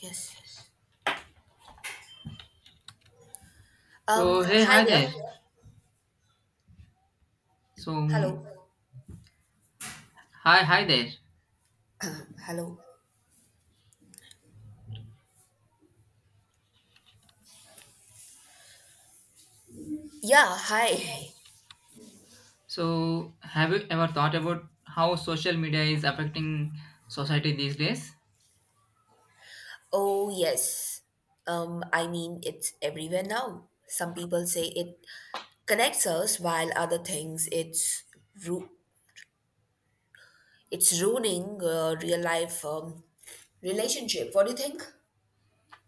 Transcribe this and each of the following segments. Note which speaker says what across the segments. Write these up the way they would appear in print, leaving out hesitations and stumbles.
Speaker 1: Yes. Um,
Speaker 2: So hey,
Speaker 1: hi
Speaker 2: hi
Speaker 1: there.
Speaker 2: there. So
Speaker 1: Hello.
Speaker 2: Hi, hi there.
Speaker 1: Hello. Yeah, hi.
Speaker 2: So have you ever thought about how social media is affecting society these days?
Speaker 1: Oh, yes. I mean, it's everywhere now. Some people say it connects us, while other things ru- it's ruining real life relationship. What do you think?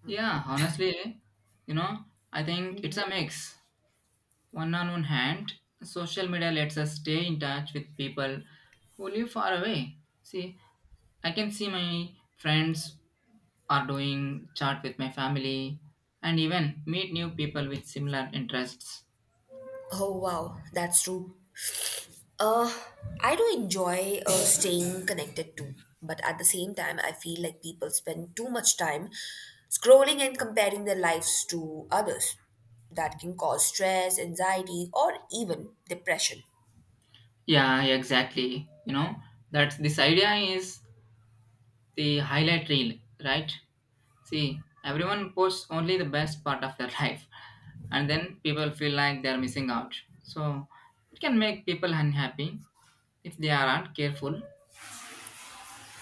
Speaker 2: Yeah, honestly, you know, I think it's a mix. One on one hand, social media lets us stay in touch with people who live far away. See, I can see my friends are doing chat with my family and even meet new people with similar interests.
Speaker 1: Oh, wow, that's true. Uh, I do enjoy staying connected too, but at the same time, I feel like people spend too much time scrolling and comparing their lives to others. That can cause stress, anxiety, or even depression.
Speaker 2: Yeah, yeah, exactly. That's this idea is the highlight reel, right? See, everyone posts only the best part of their life, and then people feel like they're missing out. So, it can make people unhappy if they aren't careful.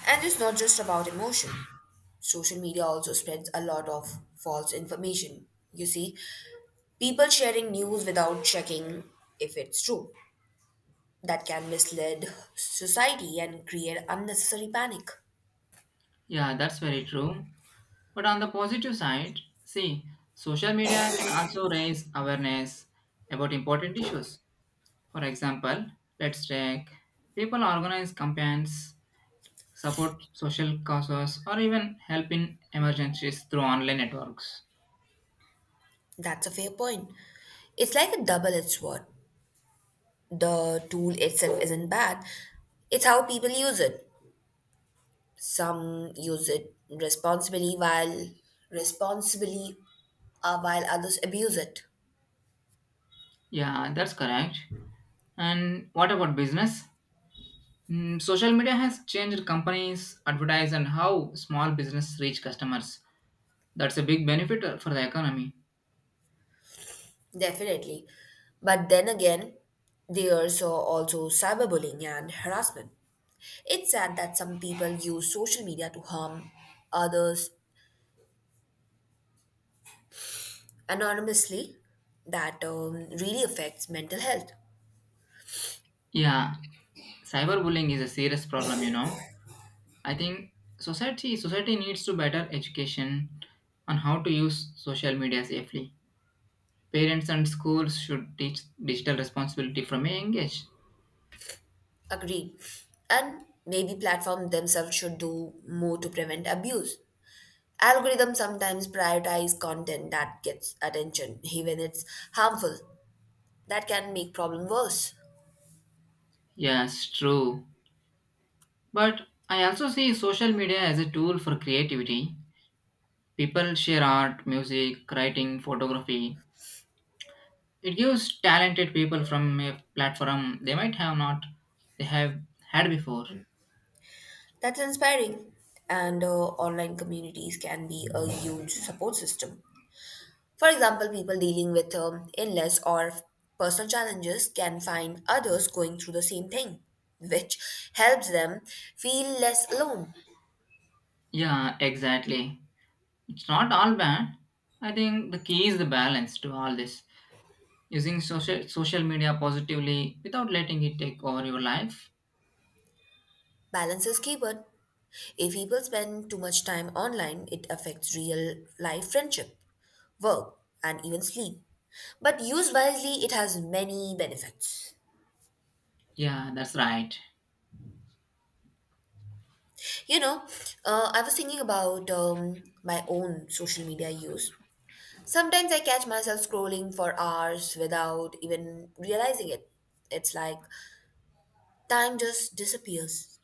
Speaker 1: And it's not just about emotion. Social media also spreads a lot of false information. You see, people sharing news without checking if it's true. That can mislead society and create unnecessary panic.
Speaker 2: Yeah, that's very true. But on the positive side, see, social media can also raise awareness about important issues. For example, let's take people organize campaigns support social causes, or even help in emergencies through online networks.
Speaker 1: That's a fair point. It's like a double edged sword. The tool itself isn't bad, it's how people use it. Some use it responsibly while others abuse it.
Speaker 2: Yeah, that's correct. And what about business? Social media has changed companies, advertise, and how small business reach customers. That's a big benefit for the economy.
Speaker 1: Definitely. But then again, there's also cyberbullying and harassment. It's sad that some people use social media to harm others anonymously. That really affects mental health.
Speaker 2: Yeah, cyberbullying is a serious problem. I think society needs to better education on how to use social media safely. Parents and schools should teach digital responsibility from a young age.
Speaker 1: Agreed. And maybe platforms themselves should do more to prevent abuse. Algorithms sometimes prioritize content that gets attention, even it's harmful. That can make problem worse.
Speaker 2: Yes, true. But I also see social media as a tool for creativity. People share art, music, writing, photography. It gives talented people from a platform they might have not they have had before.
Speaker 1: That's inspiring. And online communities can be a huge support system. For example, people dealing with illness or personal challenges can find others going through the same thing, which helps them feel less alone.
Speaker 2: Yeah, exactly. It's not all bad. I think the key is the balance to all this. Using social media positively without letting it take over your life.
Speaker 1: Balance is keyword. If people spend too much time online, it affects real life friendship, work, and even sleep. But used wisely, it has many benefits.
Speaker 2: Yeah, that's right.
Speaker 1: You know, I was thinking about my own social media use. Sometimes I catch myself scrolling for hours without even realizing it. It's like time just disappears.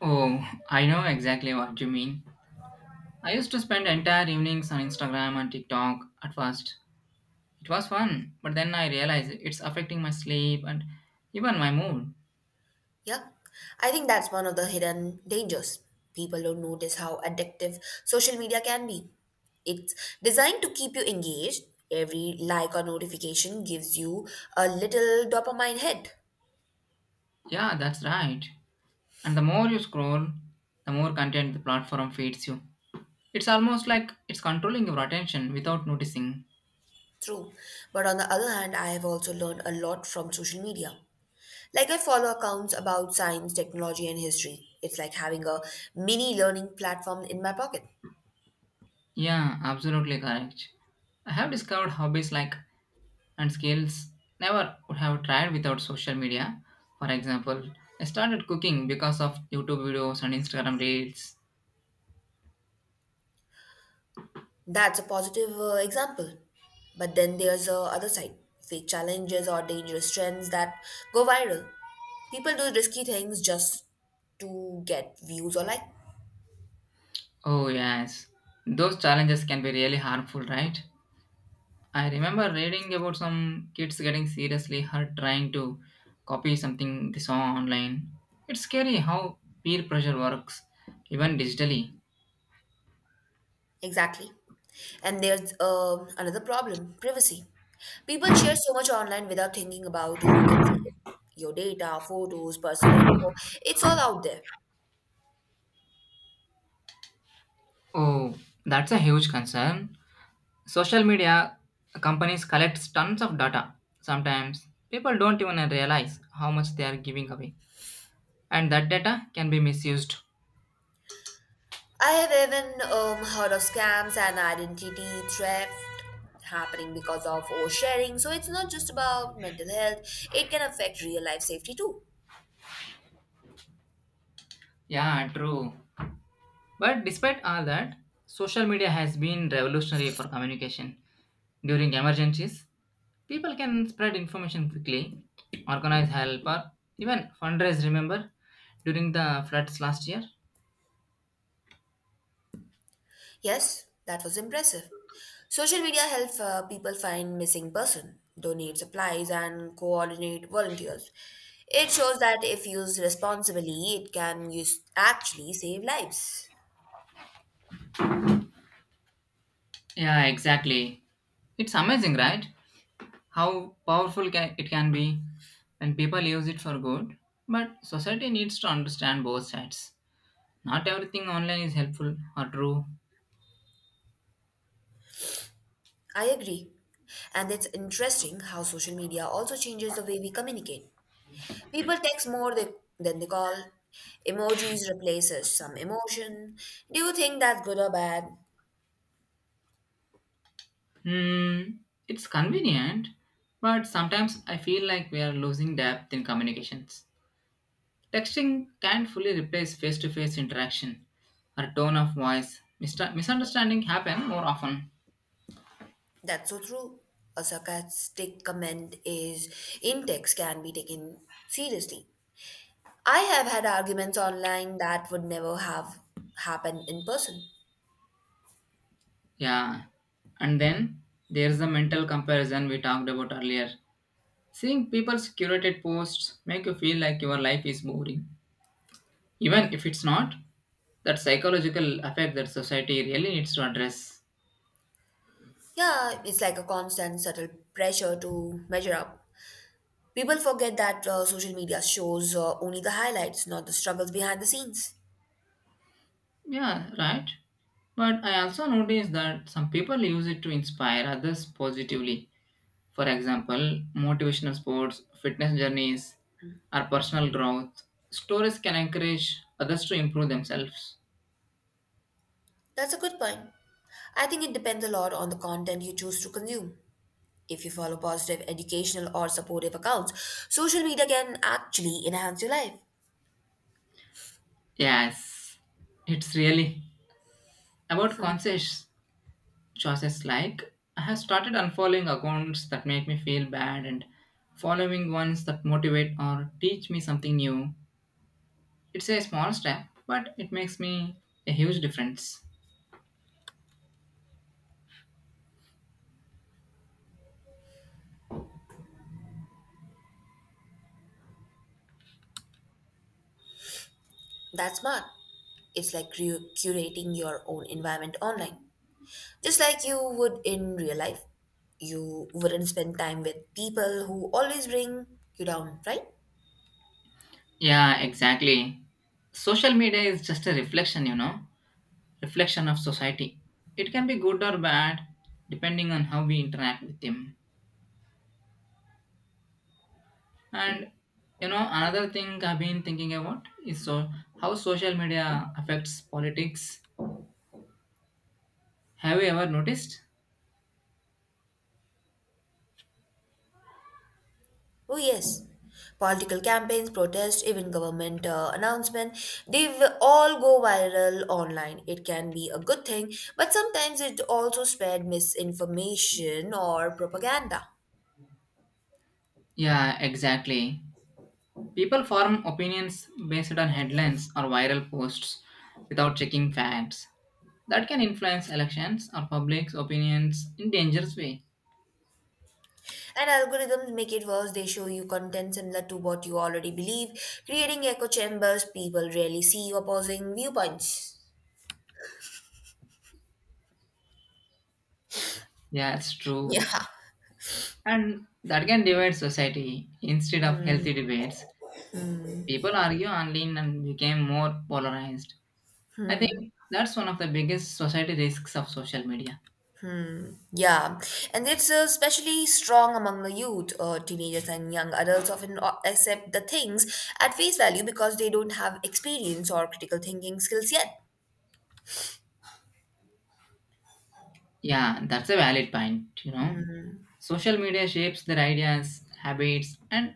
Speaker 2: Oh, I know exactly what you mean. I used to spend entire evenings on Instagram and TikTok at first. It was fun, but then I realized it's affecting my sleep and even my mood.
Speaker 1: Yeah, I think that's one of the hidden dangers. People don't notice how addictive social media can be. It's designed to keep you engaged. Every like or notification gives you a little dopamine hit.
Speaker 2: Yeah, that's right. And the more you scroll, the more content the platform feeds you. It's almost like it's controlling your attention without noticing.
Speaker 1: True. But on the other hand, I have also learned a lot from social media. Like, I follow accounts about science, technology, and history. It's like having a mini learning platform in my pocket.
Speaker 2: Yeah, absolutely correct. I have discovered hobbies like and skills never would have tried without social media. For example, I started cooking because of YouTube videos and Instagram reels.
Speaker 1: That's a positive example. But then there's the other side fake challenges or dangerous trends that go viral. People do risky things just to get views or like.
Speaker 2: Oh, yes. Those challenges can be really harmful, right? I remember reading about some kids getting seriously hurt trying to copy something they saw online. It's scary how peer pressure works, even digitally.
Speaker 1: Exactly. And there's another problem privacy. People share so much online without thinking about who can see it. Your data, photos, personal info, it's all out there.
Speaker 2: Oh, that's a huge concern. Social media companies collect tons of data. Sometimes people don't even realize how much they are giving away, and that data can be misused.
Speaker 1: I have even heard of scams and identity theft happening because of oversharing. So it's not just about mental health, it can affect real life safety too.
Speaker 2: Yeah, true. But despite all that, social media has been revolutionary for communication. During emergencies, people can spread information quickly, organize help, or even fundraise. Remember during the floods last year?
Speaker 1: Yes, that was impressive. Social media helps people find missing person, donate supplies and coordinate volunteers. It shows that if used responsibly, it can use, actually save lives.
Speaker 2: Yeah, exactly. It's amazing, right? How powerful can, it can be when people use it for good. But society needs to understand both sides. Not everything online is helpful or true.
Speaker 1: I agree. And it's interesting how social media also changes the way we communicate. People text more they, than they call. Emojis replaces some emotion. Do you think that's good or bad?
Speaker 2: Hmm, it's convenient, but sometimes I feel like we are losing depth in communications. Texting can't fully replace face to face interaction or tone of voice. Misunderstanding happen more often.
Speaker 1: That's so true. A sarcastic comment is in text can be taken seriously. I have had arguments online that would never have happened in person.
Speaker 2: Yeah. And then there's the mental comparison we talked about earlier. Seeing people's curated posts make you feel like your life is boring. Even if it's not, that psychological effect that society really needs to address.
Speaker 1: Yeah, it's like a constant subtle pressure to measure up. People forget that social media shows only the highlights, not the struggles behind the scenes.
Speaker 2: Yeah, right. But I also noticed that some people use it to inspire others positively. For example, motivational sports, fitness journeys, or personal growth. Stories can encourage others to improve themselves.
Speaker 1: That's a good point. I think it depends a lot on the content you choose to consume. If you follow positive, educational, or supportive accounts, social media can actually enhance your life.
Speaker 2: Yes, it's really about conscious choices. Like, I have started unfollowing accounts that make me feel bad and following ones that motivate or teach me something new. It's a small step, but it makes me a huge difference.
Speaker 1: That's smart. It's like curating your own environment online. Just like you would in real life, you wouldn't spend time with people who always bring you down, right?
Speaker 2: Yeah, exactly. Social media is just a reflection, you know, reflection of society. It can be good or bad depending on how we interact with them. And another thing I've been thinking about is so how social media affects politics. Have you ever noticed?
Speaker 1: Oh, yes. Political campaigns, protests, even government announcements, they will all go viral online. It can be a good thing, but sometimes it also spread misinformation or propaganda.
Speaker 2: Yeah, exactly. People form opinions based on headlines or viral posts without checking facts. That can influence elections or public opinions in dangerous way.
Speaker 1: And algorithms make it worse. They show you content similar to what you already believe, creating echo chambers. People rarely see opposing viewpoints.
Speaker 2: Yeah, it's true.
Speaker 1: Yeah.
Speaker 2: And that can divide society. Instead of
Speaker 1: Hmm.
Speaker 2: healthy debates, people argue online and became more polarized. I think that's one of the biggest society risks of social media.
Speaker 1: Yeah, and it's especially strong among the youth, teenagers, and young adults often accept the things at face value because they don't have experience or critical thinking skills yet.
Speaker 2: Yeah, that's a valid point, Social media shapes their ideas, habits, and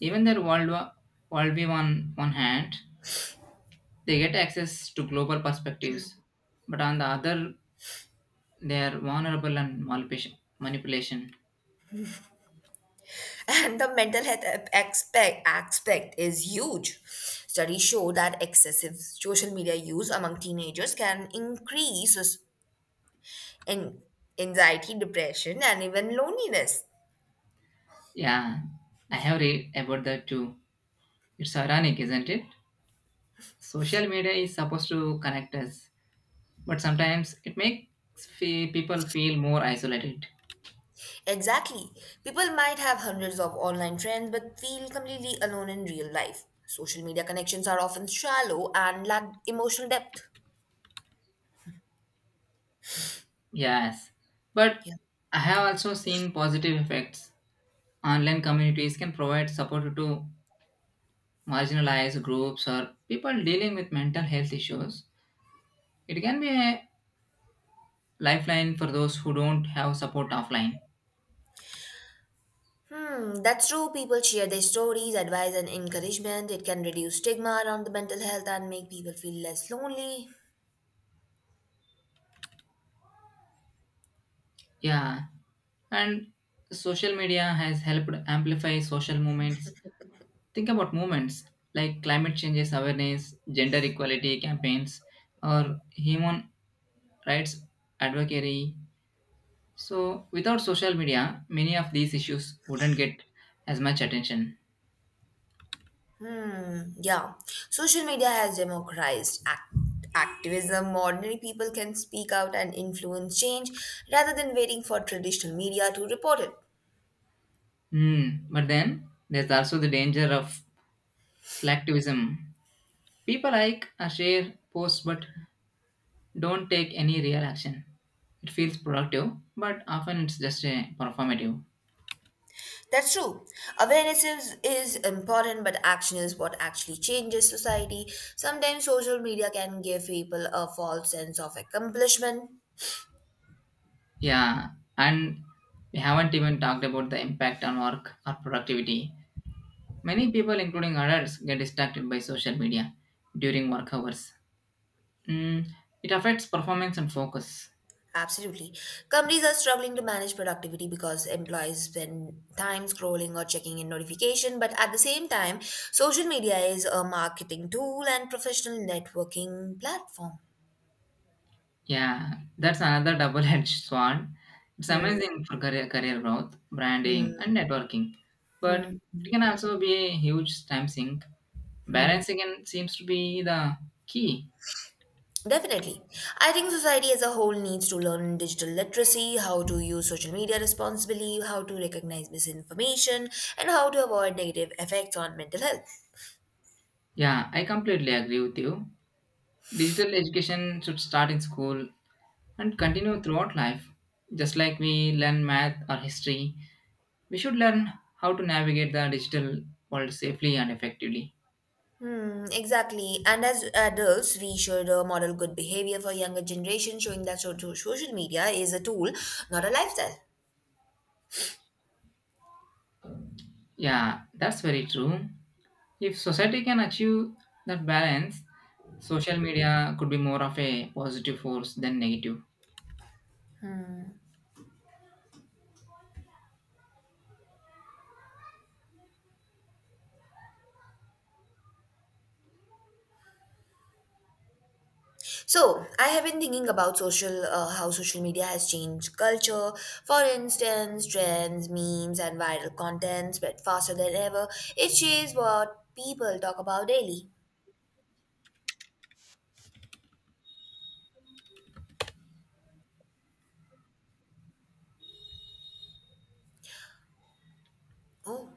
Speaker 2: even their worldview on one hand, they get access to global perspectives, but on the other, they are vulnerable and manipulation.
Speaker 1: And the mental health aspect is huge. Studies show that excessive social media use among teenagers can increase s- in anxiety, depression, and even loneliness.
Speaker 2: Yeah, I have read about that too. It's ironic, isn't it? Social media is supposed to connect us, but sometimes it makes people feel more isolated.
Speaker 1: Exactly. People might have hundreds of online friends but feel completely alone in real life. Social media connections are often shallow and lack emotional depth.
Speaker 2: Yes, but
Speaker 1: Yeah.
Speaker 2: I have also seen positive effects. Online communities can provide support to marginalized groups or people dealing with mental health issues. It can be a lifeline for those who don't have support offline.
Speaker 1: Hmm, that's true. People share their stories, advice, and encouragement. It can reduce stigma around the mental health and make people feel less lonely.
Speaker 2: Yeah, and social media has helped amplify social movements. Think about movements like climate changes awareness, gender equality campaigns, or human rights advocacy. So, without social media, many of these issues wouldn't get as much attention.
Speaker 1: Hmm, yeah. Social media has democratized activism. Ordinary people can speak out and influence change rather than waiting for traditional media to report it.
Speaker 2: Hmm. But then there's also the danger of Selectivism. People like or share posts but don't take any real action. It feels productive, but often it's just a performative.
Speaker 1: That's true. Awareness is important, but action is what actually changes society. Sometimes social media can give people a false sense of accomplishment.
Speaker 2: Yeah, and we haven't even talked about the impact on work or productivity. Many people, including adults, get distracted by social media during work hours. Mm, it affects performance and focus.
Speaker 1: Absolutely. Companies are struggling to manage productivity because employees spend time scrolling or checking in notification, but at the same time, social media is a marketing tool and professional networking platform.
Speaker 2: Yeah, that's another double-edged sword. It's
Speaker 1: Hmm.
Speaker 2: amazing for career growth, branding, and networking, but
Speaker 1: Hmm.
Speaker 2: it can also be a huge time sink. Balancing and seems to be the key.
Speaker 1: Definitely. I think society as a whole needs to learn digital literacy, how to use social media responsibly, how to recognize misinformation, and how to avoid negative effects on mental health.
Speaker 2: Yeah, I completely agree with you. Digital education should start in school and continue throughout life. Just like we learn math or history, we should learn how to navigate the digital world safely and effectively.
Speaker 1: Hmm, exactly. And as adults, we should model good behavior for younger generation, showing that social media is a tool, not a lifestyle.
Speaker 2: Yeah, that's very true. If society can achieve that balance, social media could be more of a positive force than negative.
Speaker 1: So, I have been thinking about social how social media has changed culture. For instance, trends, memes, and viral content spread faster than ever. It shapes what people talk about daily. Oh,